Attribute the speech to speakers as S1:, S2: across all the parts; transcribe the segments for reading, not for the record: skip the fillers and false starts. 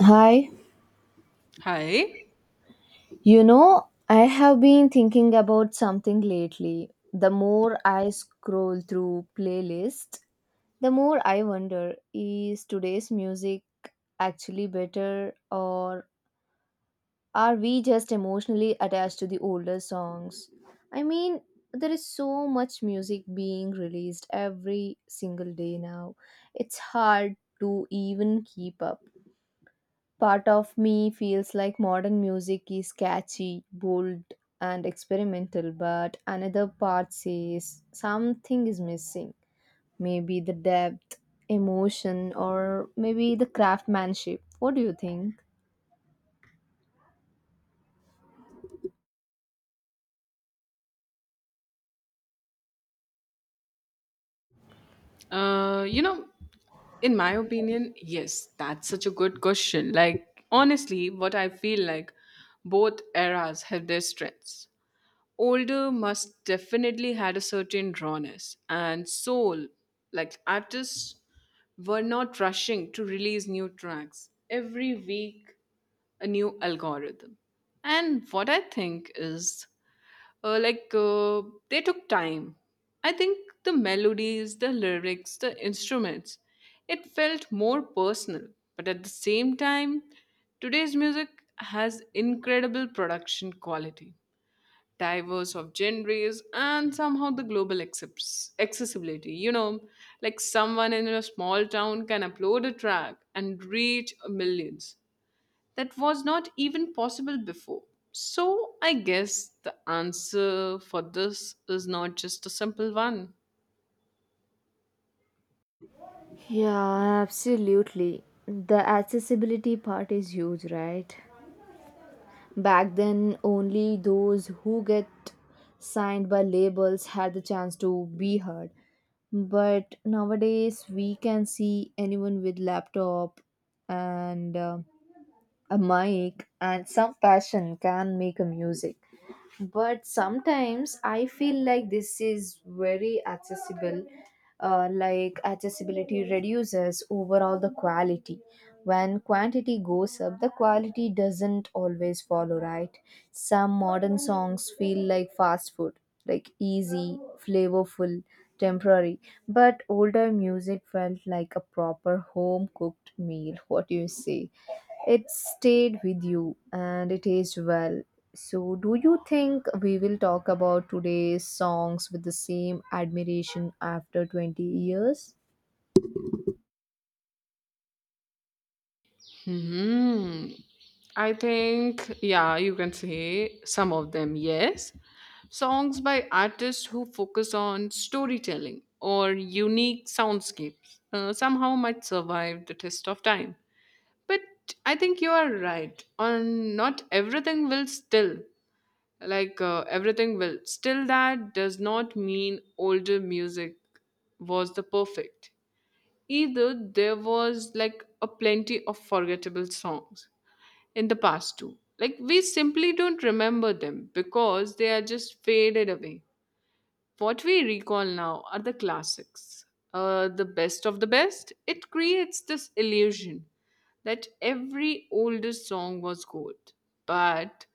S1: Hi,
S2: Hi.
S1: I have been thinking about something lately. The more I scroll through playlists, the more I wonder, is today's music actually better, or are we just emotionally attached to the older songs? I mean, there is so much music being released every single day now. It's hard to even keep up. Part of me feels like modern music is catchy, bold, and experimental, but another part says something is missing. Maybe the depth, emotion, or maybe the craftsmanship. What do you think?
S2: You know, in my opinion, yes, that's such a good question. Like, honestly, what I feel like both eras have their strengths. Older must definitely had a certain rawness and soul, like artists were not rushing to release new tracks every week, a new algorithm. And what I think is, uh, like uh, they took time. I think the melodies, the lyrics, the instruments, it felt more personal. But at the same time, today's music has incredible production quality, diverse of genres, and somehow the global accepts accessibility, you know, like someone in a small town can upload a track and reach millions. That was not even possible before. So I guess the answer for this is not just a simple one.
S1: Yeah, absolutely. The accessibility part is huge, right? Back then, only those who get signed by labels had the chance to be heard. But nowadays, we can see anyone with laptop and a mic and some passion can make a music, but sometimes I feel like this is very accessible. Like, accessibility reduces overall the quality. When quantity goes up, the quality doesn't always follow, right? Some modern songs feel like fast food, like easy, flavorful, temporary, but older music felt like a proper home cooked meal. What do you say? It stayed with you and it aged well. So, do you think we will talk about today's songs with the same admiration after 20 years?
S2: Hmm. I think, yeah, you can say some of them, yes. Songs by artists who focus on storytelling or unique soundscapes somehow might survive the test of time. But I think you are right on not everything will still, everything will. Still, that does not mean older music was the perfect. Either there was like a plenty of forgettable songs in the past too. Like we simply don't remember them because they are just faded away. What we recall now are the classics, the best of the best. It creates this illusion that every oldest song was gold, but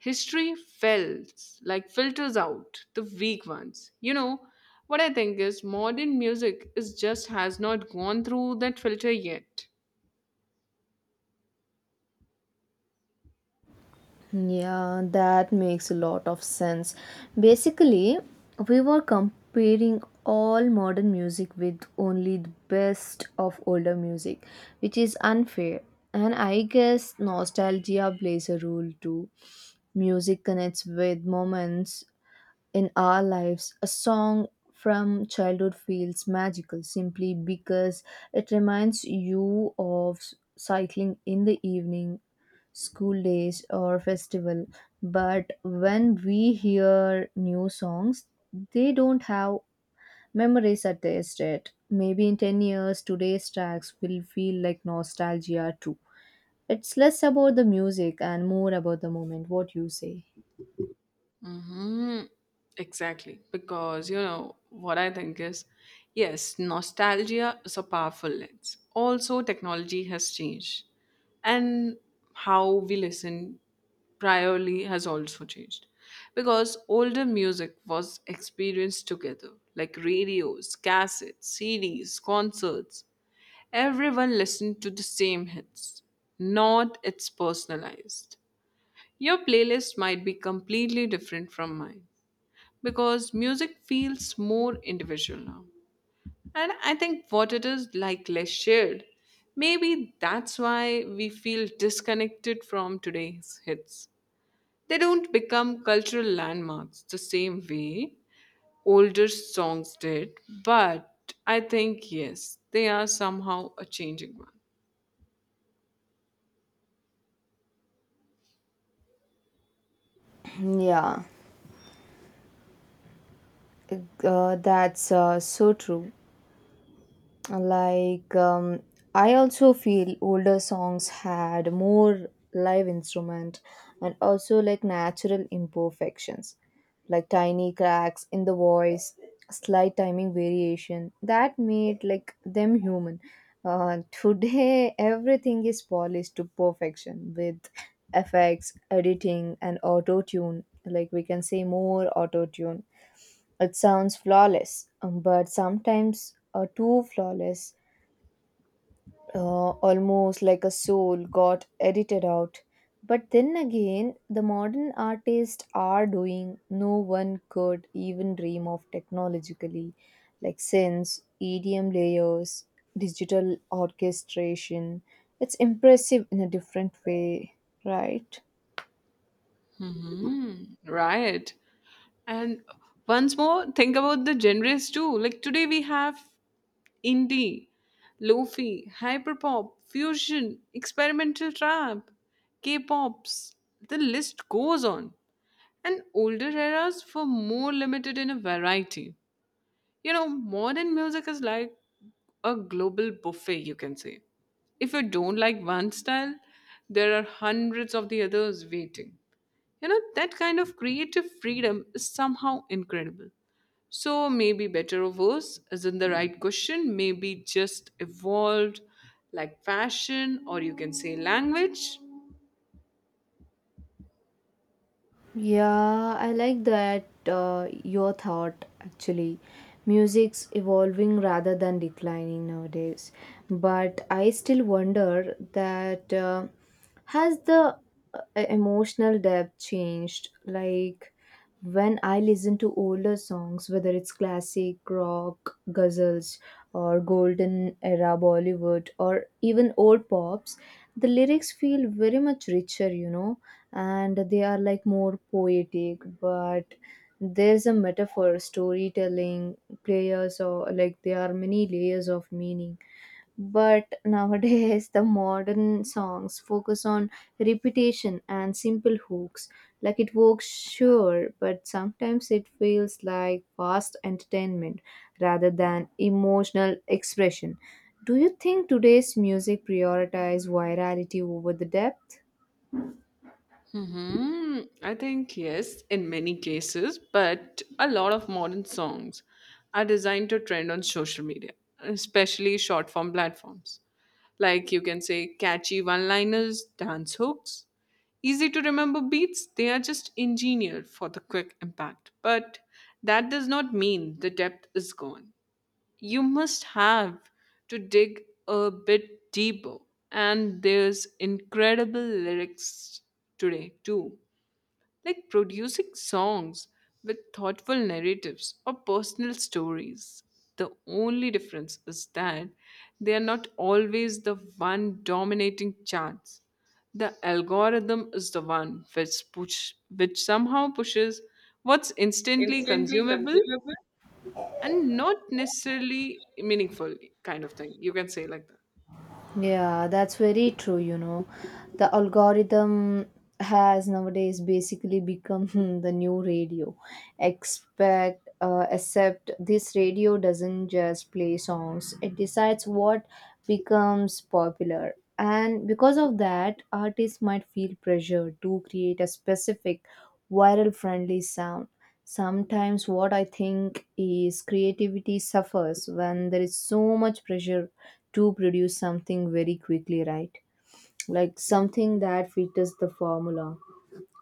S2: history fills like filters out the weak ones. You know what I think is modern music is just has not gone through that filter yet.
S1: Yeah, that makes a lot of sense. Basically, we were comparing all modern music with only the best of older music, which is unfair. And I guess nostalgia plays a role too. Music connects with moments in our lives. A song from childhood feels magical simply because it reminds you of cycling in the evening, school days, or festival. But when we hear new songs, they don't have memories attached yet. Maybe in 10 years, today's tracks will feel like nostalgia too. It's less about the music and more about the moment. What you say?
S2: Mm-hmm. Exactly. Because, you know, what I think is yes, nostalgia is a powerful lens. Also, technology has changed. And how we listen priorly has also changed. Because older music was experienced together, like radios, cassettes, CDs, concerts. Everyone listened to the same hits, not it's personalized. Your playlist might be completely different from mine because music feels more individual now. And I think what it is like less shared. Maybe that's why we feel disconnected from today's hits. They don't become cultural landmarks the same way older songs did, but I think, yes, they are somehow a changing one.
S1: Yeah. That's so true. Like, um, I also feel older songs had more live instrument and also like natural imperfections, like tiny cracks in the voice, slight timing variation that made like them human. Today, everything is polished to perfection with effects, editing, and auto tune. Like, we can say more auto tune it sounds flawless, but sometimes too flawless, almost like a soul got edited out. But then again, the modern artists are doing no one could even dream of technologically, like synths, EDM layers, digital orchestration. It's impressive in a different way, right?
S2: Hmm, right. And once more, think about the genres too. Like today, we have indie, lofi, hyperpop, fusion, experimental trap, K-pops. The list goes on. And older eras were more limited in a variety. You know, modern music is like a global buffet, you can say. If you don't like one style, there are hundreds of the others waiting. You know, that kind of creative freedom is somehow incredible. So, maybe better or worse isn't the right question, maybe just evolved like fashion or you can say language.
S1: Yeah, I like that your thought actually. Music's evolving rather than declining nowadays. But I still wonder that has the uh, emotional depth changed? Like, when I listen to older songs, whether it's classic rock, ghazals, or golden era Bollywood, or even old pops, the lyrics feel very much richer, and they are like more poetic, but there's a metaphor, storytelling, players, or like there are many layers of meaning. But nowadays, the modern songs focus on repetition and simple hooks. Like, it works, sure, but sometimes it feels like fast entertainment rather than emotional expression. Do you think today's music prioritizes virality over the depth?
S2: Hmm, I think yes, in many cases, but a lot of modern songs are designed to trend on social media, especially short form platforms. Like you can say catchy one liners, dance hooks, easy to remember beats. They are just engineered for the quick impact. But that does not mean the depth is gone. You must have to dig a bit deeper. And there's incredible lyrics today too, like producing songs with thoughtful narratives or personal stories. The only difference is that they are not always the one dominating charts. The algorithm is the one which push, which somehow pushes what's instantly
S1: Instantly
S2: consumable
S1: consumable?
S2: and not necessarily meaningful kind of thing. You can say like that.
S1: Yeah, that's very true, you know. The algorithm has nowadays basically become the new radio. Expect except this radio doesn't just play songs. It decides what becomes popular. And because of that, artists might feel pressure to create a specific viral friendly sound. Sometimes what I think is creativity suffers when there is so much pressure to produce something very quickly, right? Like something that fits the formula.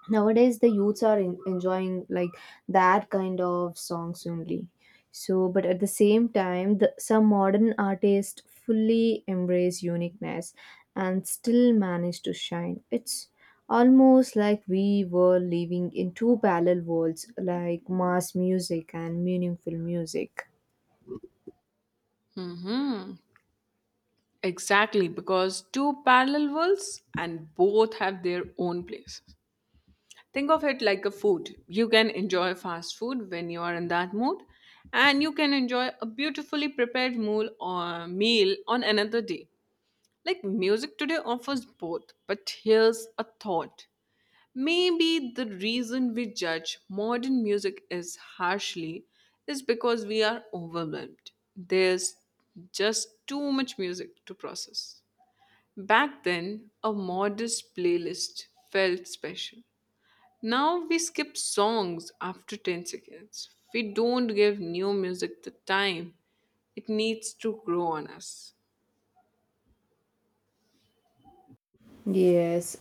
S1: Nowadays, the youths are enjoying like that kind of songs only. So, but at the same time, some modern artists fully embrace uniqueness and still manage to shine. It's almost like we were living in two parallel worlds, like mass music and meaningful music.
S2: Mm-hmm. Exactly, because two parallel worlds and both have their own place. Think of it like a food. You can enjoy fast food when you are in that mood, and you can enjoy a beautifully prepared meal or meal on another day. Like music today offers both, but here's a thought. Maybe the reason we judge modern music is harshly is because we are overwhelmed. There's just too much music to process. Back then, a modest playlist felt special. Now we skip songs after 10 seconds. We don't give new music the time it needs to grow on us.
S1: Yes,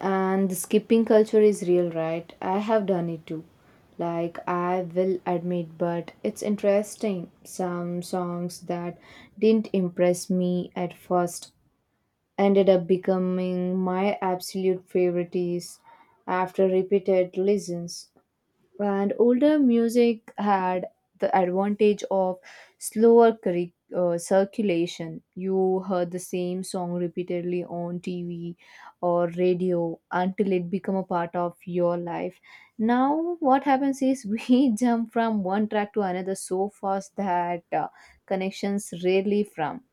S1: and the skipping culture is real, right? I have done it too. Like, I will admit, but it's interesting. Some songs that didn't impress me at first ended up becoming my absolute favorites after repeated listens, and older music had the advantage of slower circulation. You heard the same song repeatedly on TV or radio until it become a part of your life. Now, what happens is we jump from one track to another so fast that connections rarely from.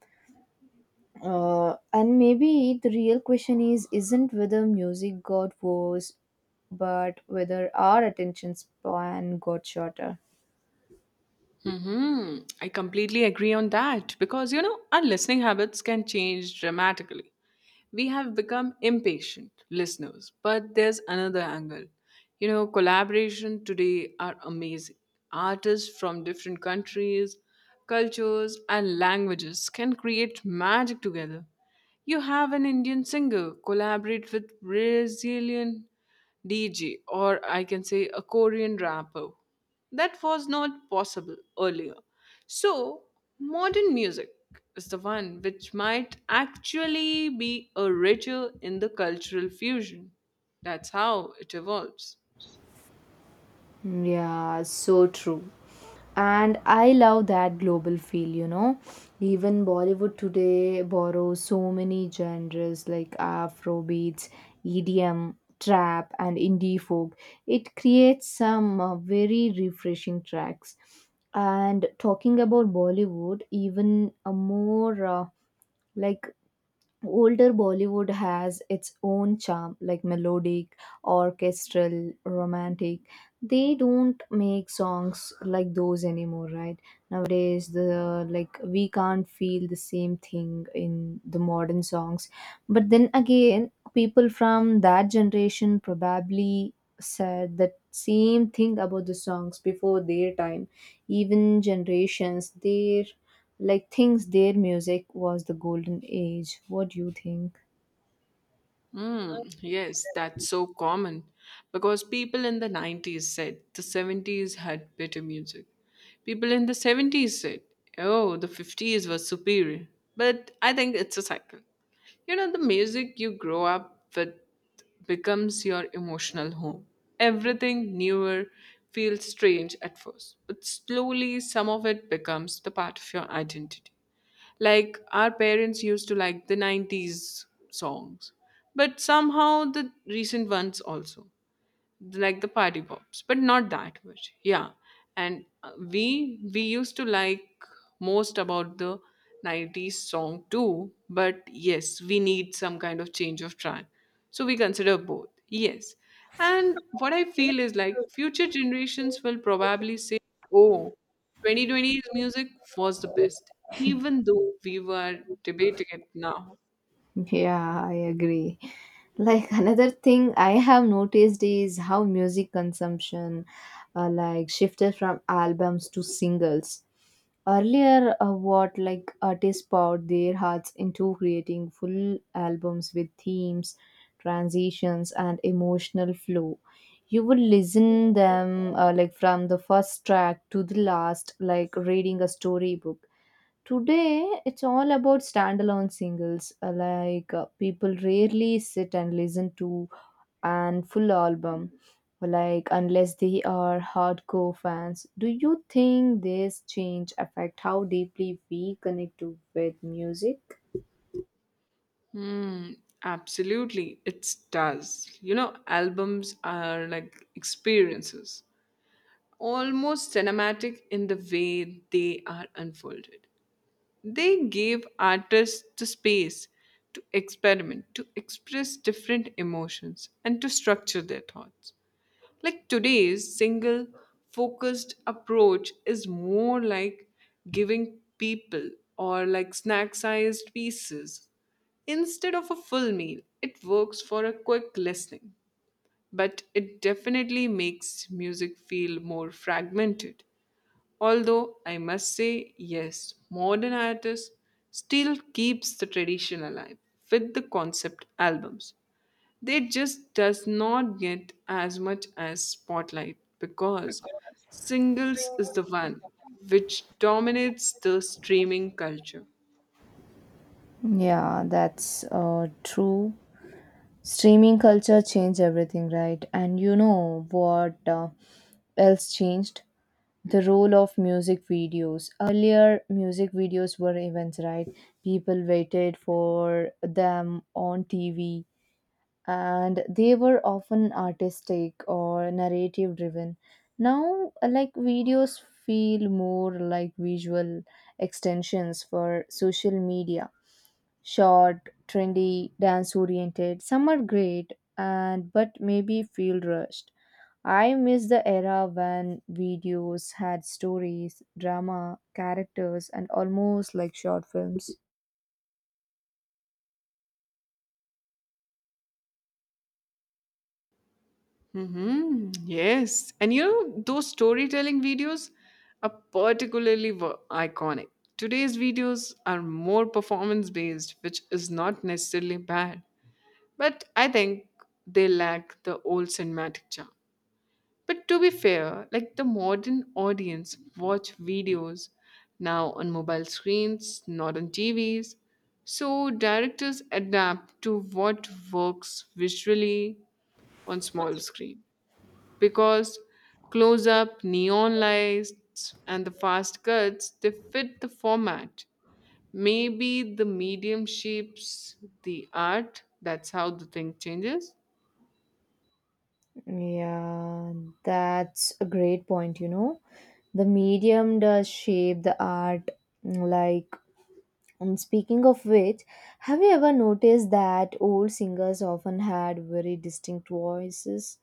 S1: And maybe the real question is isn't whether music got worse, but whether our attention span got shorter.
S2: Hmm, I completely agree on that because you know our listening habits can change dramatically. We have become impatient listeners, but there's another angle. You know, collaboration today are amazing. Artists from different countries, cultures, and languages can create magic together. You have an Indian singer collaborate with Brazilian DJ, or I can say a Korean rapper. That was not possible earlier. So, modern music is the one which might actually be a richer in the cultural fusion. That's how it evolves.
S1: Hmm. Yeah, so true. And I love that global feel, you know, even Bollywood today borrows so many genres like afro beats, EDM, trap, and indie folk. It creates some very refreshing tracks. And talking about Bollywood, even a more like older Bollywood has its own charm, like melodic, orchestral, romantic. They don't make songs like those anymore, right? Nowadays, the like, we can't feel the same thing in the modern songs. But then again, people from that generation probably said the same thing about the songs before their time, even generations their like things their music was the golden age. What do you think?
S2: Mm, yes, that's so common because people in the 90s said the 70s had better music. People in the 70s said, oh, the 50s was superior. But I think it's a cycle. You know, the music you grow up with becomes your emotional home. Everything newer feels strange at first, but slowly some of it becomes the part of your identity. Like our parents used to like the 90s songs, but somehow the recent ones also like the party pops but not that much, yeah. And we used to like most about the 90s song too, but yes we need some kind of change of track, so we consider both, yes. And what I feel is like future generations will probably say, oh, 2020's music was the best, even though we were debating it now.
S1: Yeah, I agree. Like, another thing I have noticed is how music consumption like shifted from albums to singles. Earlier, what like artists poured their hearts into creating full albums with themes, transitions, and emotional flow. You would listen them like from the first track to the last, like reading a storybook. Today, it's all about standalone singles. People rarely sit and listen to and full album, like unless they are hardcore fans. Do you think this change affect how deeply we connect to with music?
S2: Hmm, absolutely. It does. You know, albums are like experiences, almost cinematic in the way they are unfolded. They give artists the space to experiment, to express different emotions, and to structure their thoughts. Like today's single focused approach is more like giving people or like snack sized pieces. Instead of a full meal, it works for a quick listening, but it definitely makes music feel more fragmented. Although I must say, yes, modern artists still keeps the tradition alive with the concept albums. They just does not get as much as spotlight because singles is the one which dominates the streaming culture.
S1: Yeah, that's true. Streaming culture changed everything, right? And you know what else changed, the role of music videos. Earlier, music videos were events, right? People waited for them on TV, and they were often artistic or narrative driven. Now, like, videos feel more like visual extensions for social media, short, trendy, dance oriented. Some are great, and but maybe feel rushed. I miss the era when videos had stories, drama, characters, and almost like short films.
S2: Hmm, yes. And you know, those storytelling videos are particularly iconic. Today's videos are more performance based, which is not necessarily bad. But I think they lack the old cinematic charm. But to be fair, like the modern audience watch videos now on mobile screens, not on TVs. So directors adapt to what works visually on small screen because close up, neon lights, and the fast cuts they fit the format. Maybe the medium shapes the art. That's how the thing changes.
S1: Yeah, that's a great point, you know. The medium does shape the art. Like, and speaking of which, have you ever noticed that old singers often had very distinct voices?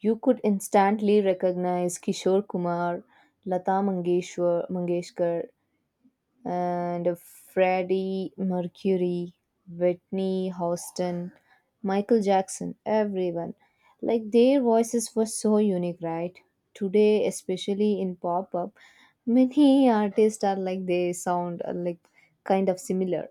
S1: You could instantly recognize Kishore Kumar, Lata mangeshwar Mangeshkar, and Freddie Mercury, Whitney Houston, Michael Jackson, everyone. Like, their voices were so unique, right? Today, especially in pop up, many artists are like they sound like kind of similar.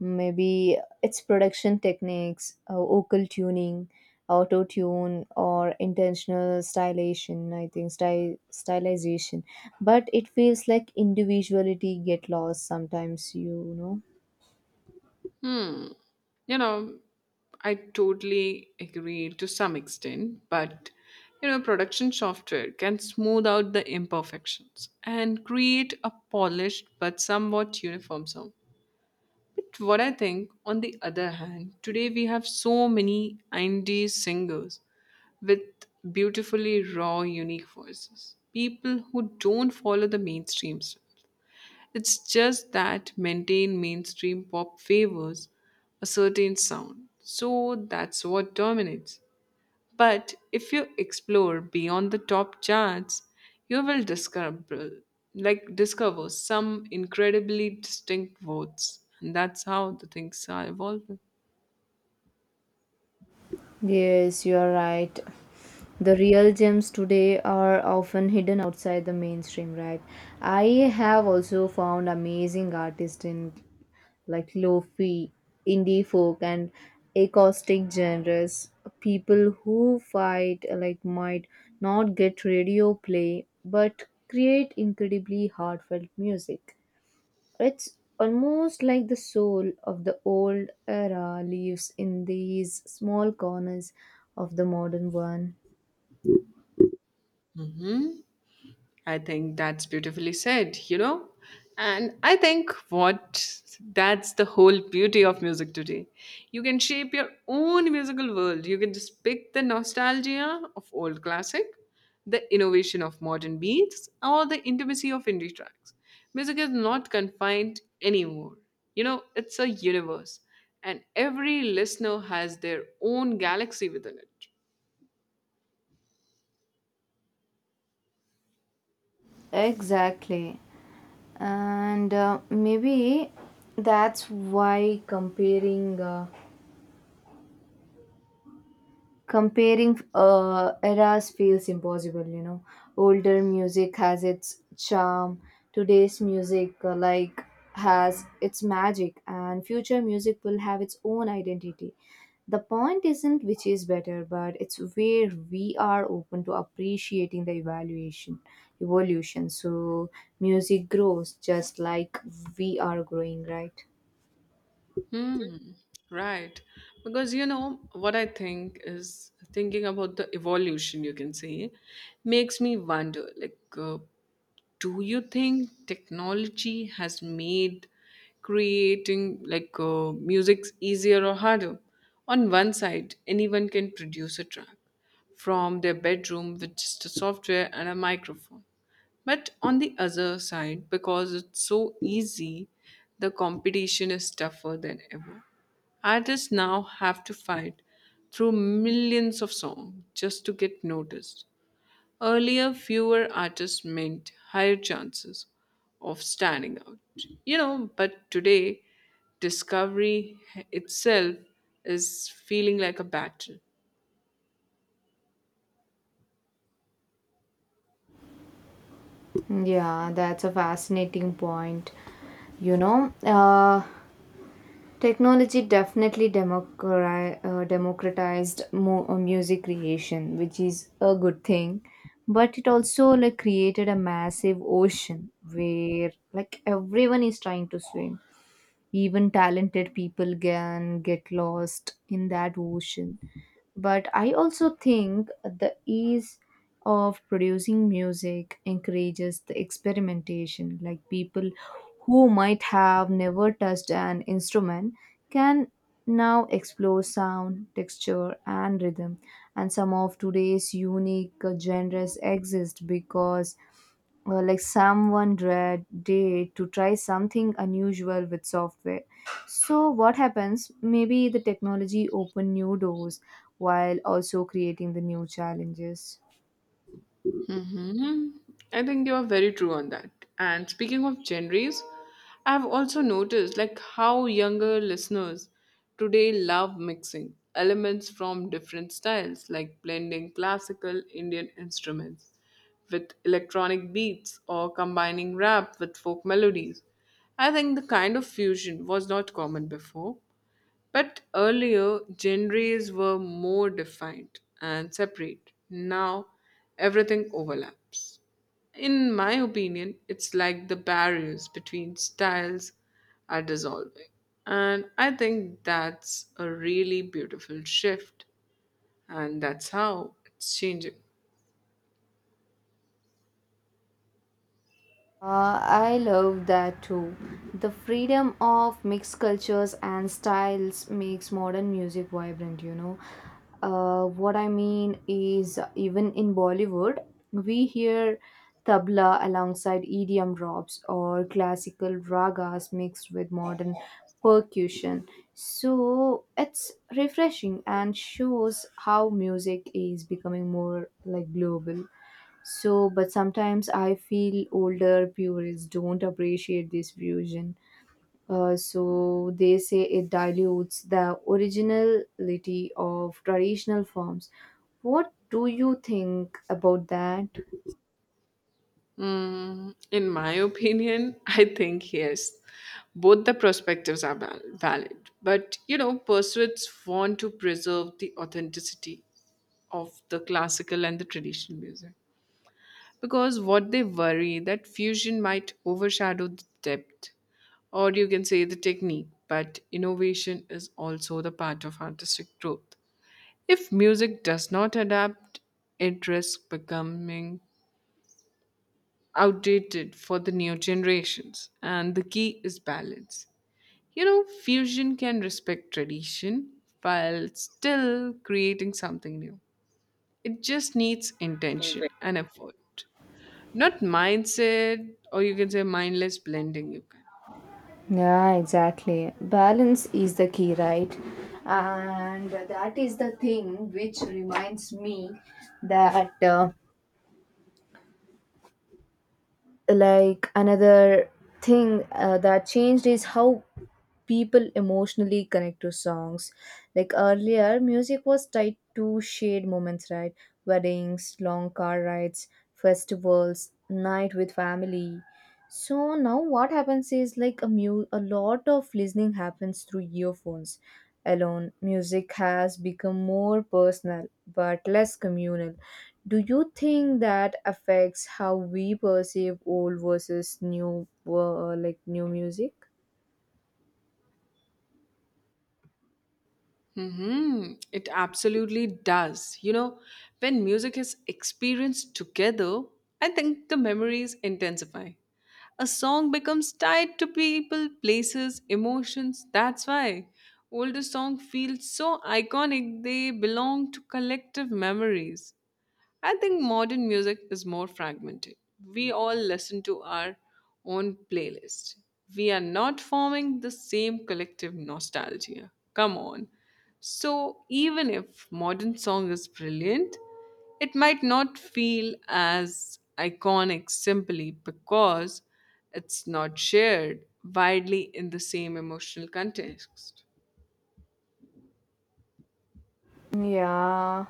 S1: Maybe its production techniques, vocal tuning, auto tune, or intentional stylization. I think stylization, but it feels like individuality get lost sometimes. You know.
S2: You know, I totally agree to some extent, but you know, production software can smooth out the imperfections and create a polished but somewhat uniform sound. But what I think, on the other hand, today we have so many indie singers with beautifully raw, unique voices. People who don't follow the mainstream style. It's just that maintain mainstream pop favors a certain sound. So that's what dominates. But if you explore beyond the top charts, you will discover discover some incredibly distinct votes. And that's how the things are evolving.
S1: Yes, you are right. The real gems today are often hidden outside the mainstream, right? I have also found amazing artists in like lofi, indie folk, and acoustic genres. People who fight like might not get radio play, but create incredibly heartfelt music. It's almost like the soul of the old era lives in these small corners of the modern one.
S2: Mhm. I think that's beautifully said, you know? And I think what that's the whole beauty of music today. You can shape your own musical world. You can just pick the nostalgia of old classic, the innovation of modern beats, or the intimacy of indie tracks. Music is not confined anymore. You know, it's a universe, and every listener has their own galaxy within it.
S1: Exactly. And maybe that's why comparing eras feels impossible, you know. Older music has its charm, today's music has its magic, and future music will have its own identity. The point isn't which is better, but it's where we are open to appreciating the evaluation evolution. So, music grows just like we are growing, right?
S2: Hmm, right. Because you know what I think is thinking about the evolution, you can say, makes me wonder like, do you think technology has made creating music easier or harder? On one side, anyone can produce a track from their bedroom with just a software and a microphone. But on the other side, because it's so easy, the competition is tougher than ever. Artists now have to fight through millions of songs just to get noticed. Earlier, fewer artists meant higher chances of standing out. You know, but today, discovery itself is feeling like a battle.
S1: Yeah, that's a fascinating point, you know. Technology definitely democratized music creation, which is a good thing. But it also like created a massive ocean where like everyone is trying to swim. Even talented people can get lost in that ocean. But I also think the ease of producing music encourages the experimentation. Like, people who might have never touched an instrument can now explore sound, texture, and rhythm. And some of today's unique genres exist because like, someone read day to try something unusual with software. So what happens, maybe the technology open new doors while also creating the new challenges.
S2: Hmm, I think you are very true on that. And speaking of genres, I've also noticed like how younger listeners today love mixing elements from different styles, like blending classical Indian instruments with electronic beats or combining rap with folk melodies. I think the kind of fusion was not common before. But earlier, genres were more defined and separate. Now, everything overlaps. In my opinion, it's like the barriers between styles are dissolving. And I think that's a really beautiful shift, and that's how it's changing.
S1: I love that too. The freedom of mixed cultures and styles makes modern music vibrant, you know. What I mean is, even in Bollywood, we hear tabla alongside EDM drops or classical ragas mixed with modern percussion. So it's refreshing and shows how music is becoming more like global. So, but sometimes I feel older purists don't appreciate this fusion. So, they say it dilutes the originality of traditional forms. What do you think about that?
S2: Mm, in my opinion, I think yes. Both the perspectives are valid. But, you know, pursuits want to preserve the authenticity of the classical and the traditional music. Because what they worry that fusion might overshadow the depth, or you can say the technique, but innovation is also the part of artistic growth. If music does not adapt, it risks becoming outdated for the new generations. And the key is balance. You know, fusion can respect tradition while still creating something new. It just needs intention and effort, not mindset, or you can say mindless blending. You can.
S1: Yeah, exactly. Balance is the key, right? And that is the thing which reminds me that. Like, another thing that changed is how people emotionally connect to songs. Like, earlier music was tied to shared moments, right? Weddings, long car rides, festivals, night with family. So now what happens is like, a lot of listening happens through earphones alone. Music has become more personal but less communal. Do you think that affects how we perceive old versus new, new music?
S2: Mm-hmm. It absolutely does. You know, when music is experienced together, I think the memories intensify. A song becomes tied to people, places, emotions. That's why older songs feel so iconic, they belong to collective memories. I think modern music is more fragmented. We all listen to our own playlist. We are not forming the same collective nostalgia. Come on. So, even if modern song is brilliant, it might not feel as iconic simply because it's not shared widely in the same emotional context.
S1: Yeah,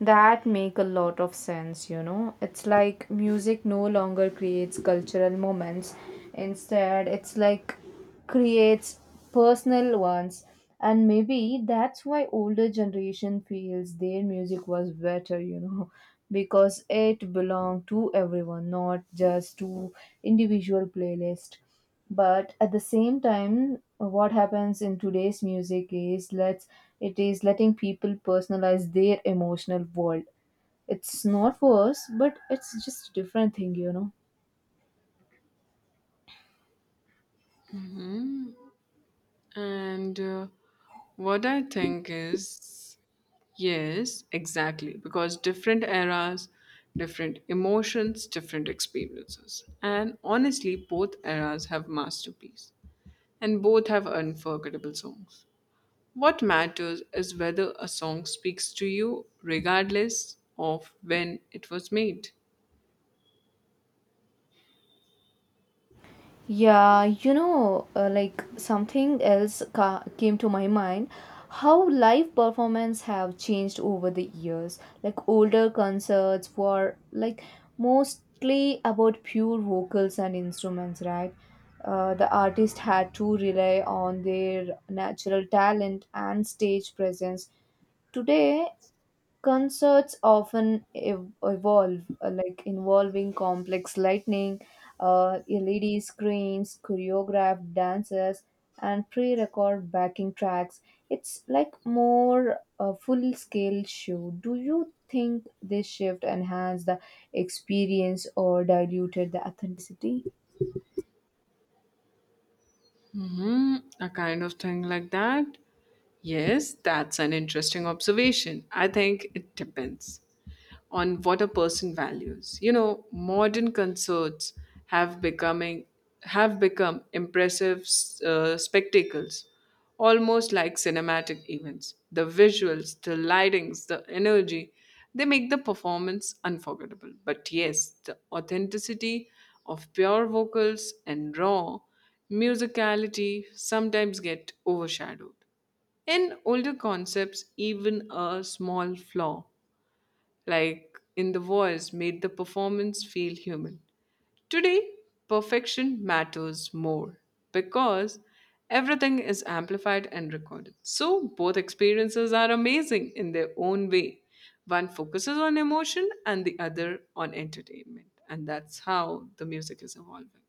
S1: that make a lot of sense, you know. It's like music no longer creates cultural moments. Instead, it's like creates personal ones. And maybe that's why older generation feels their music was better, you know, because it belonged to everyone, not just to individual playlist. But at the same time, what happens in today's music is let's it is letting people personalize their emotional world. It's not worse, but it's just a different thing, you know.
S2: And what I think is yes, exactly. Because different eras, different emotions, different experiences. And honestly, both eras have masterpieces, and both have unforgettable songs. What matters is whether a song speaks to you, regardless of when it was made.
S1: Yeah, you know, like, something else came to my mind, how live performance have changed over the years. Like, older concerts were like mostly about pure vocals and instruments, right? The artist had to rely on their natural talent and stage presence. Today, concerts often evolve, like involving complex lighting, LED screens, choreographed dances, and pre-recorded backing tracks. It's like more a full-scale show. Do you think this shift enhanced the experience or diluted the authenticity?
S2: Hmm, a kind of thing like that. Yes, that's an interesting observation. I think it depends on what a person values. You know, modern concerts have becoming have become impressive spectacles, almost like cinematic events. The visuals, the lightings, the energy, they make the performance unforgettable. But yes, the authenticity of pure vocals and raw musicality sometimes get overshadowed. In older concepts, even a small flaw like in the voice made the performance feel human. Today, perfection matters more because everything is amplified and recorded. So, both experiences are amazing in their own way. One focuses on emotion and the other on entertainment. And that's how the music is evolving.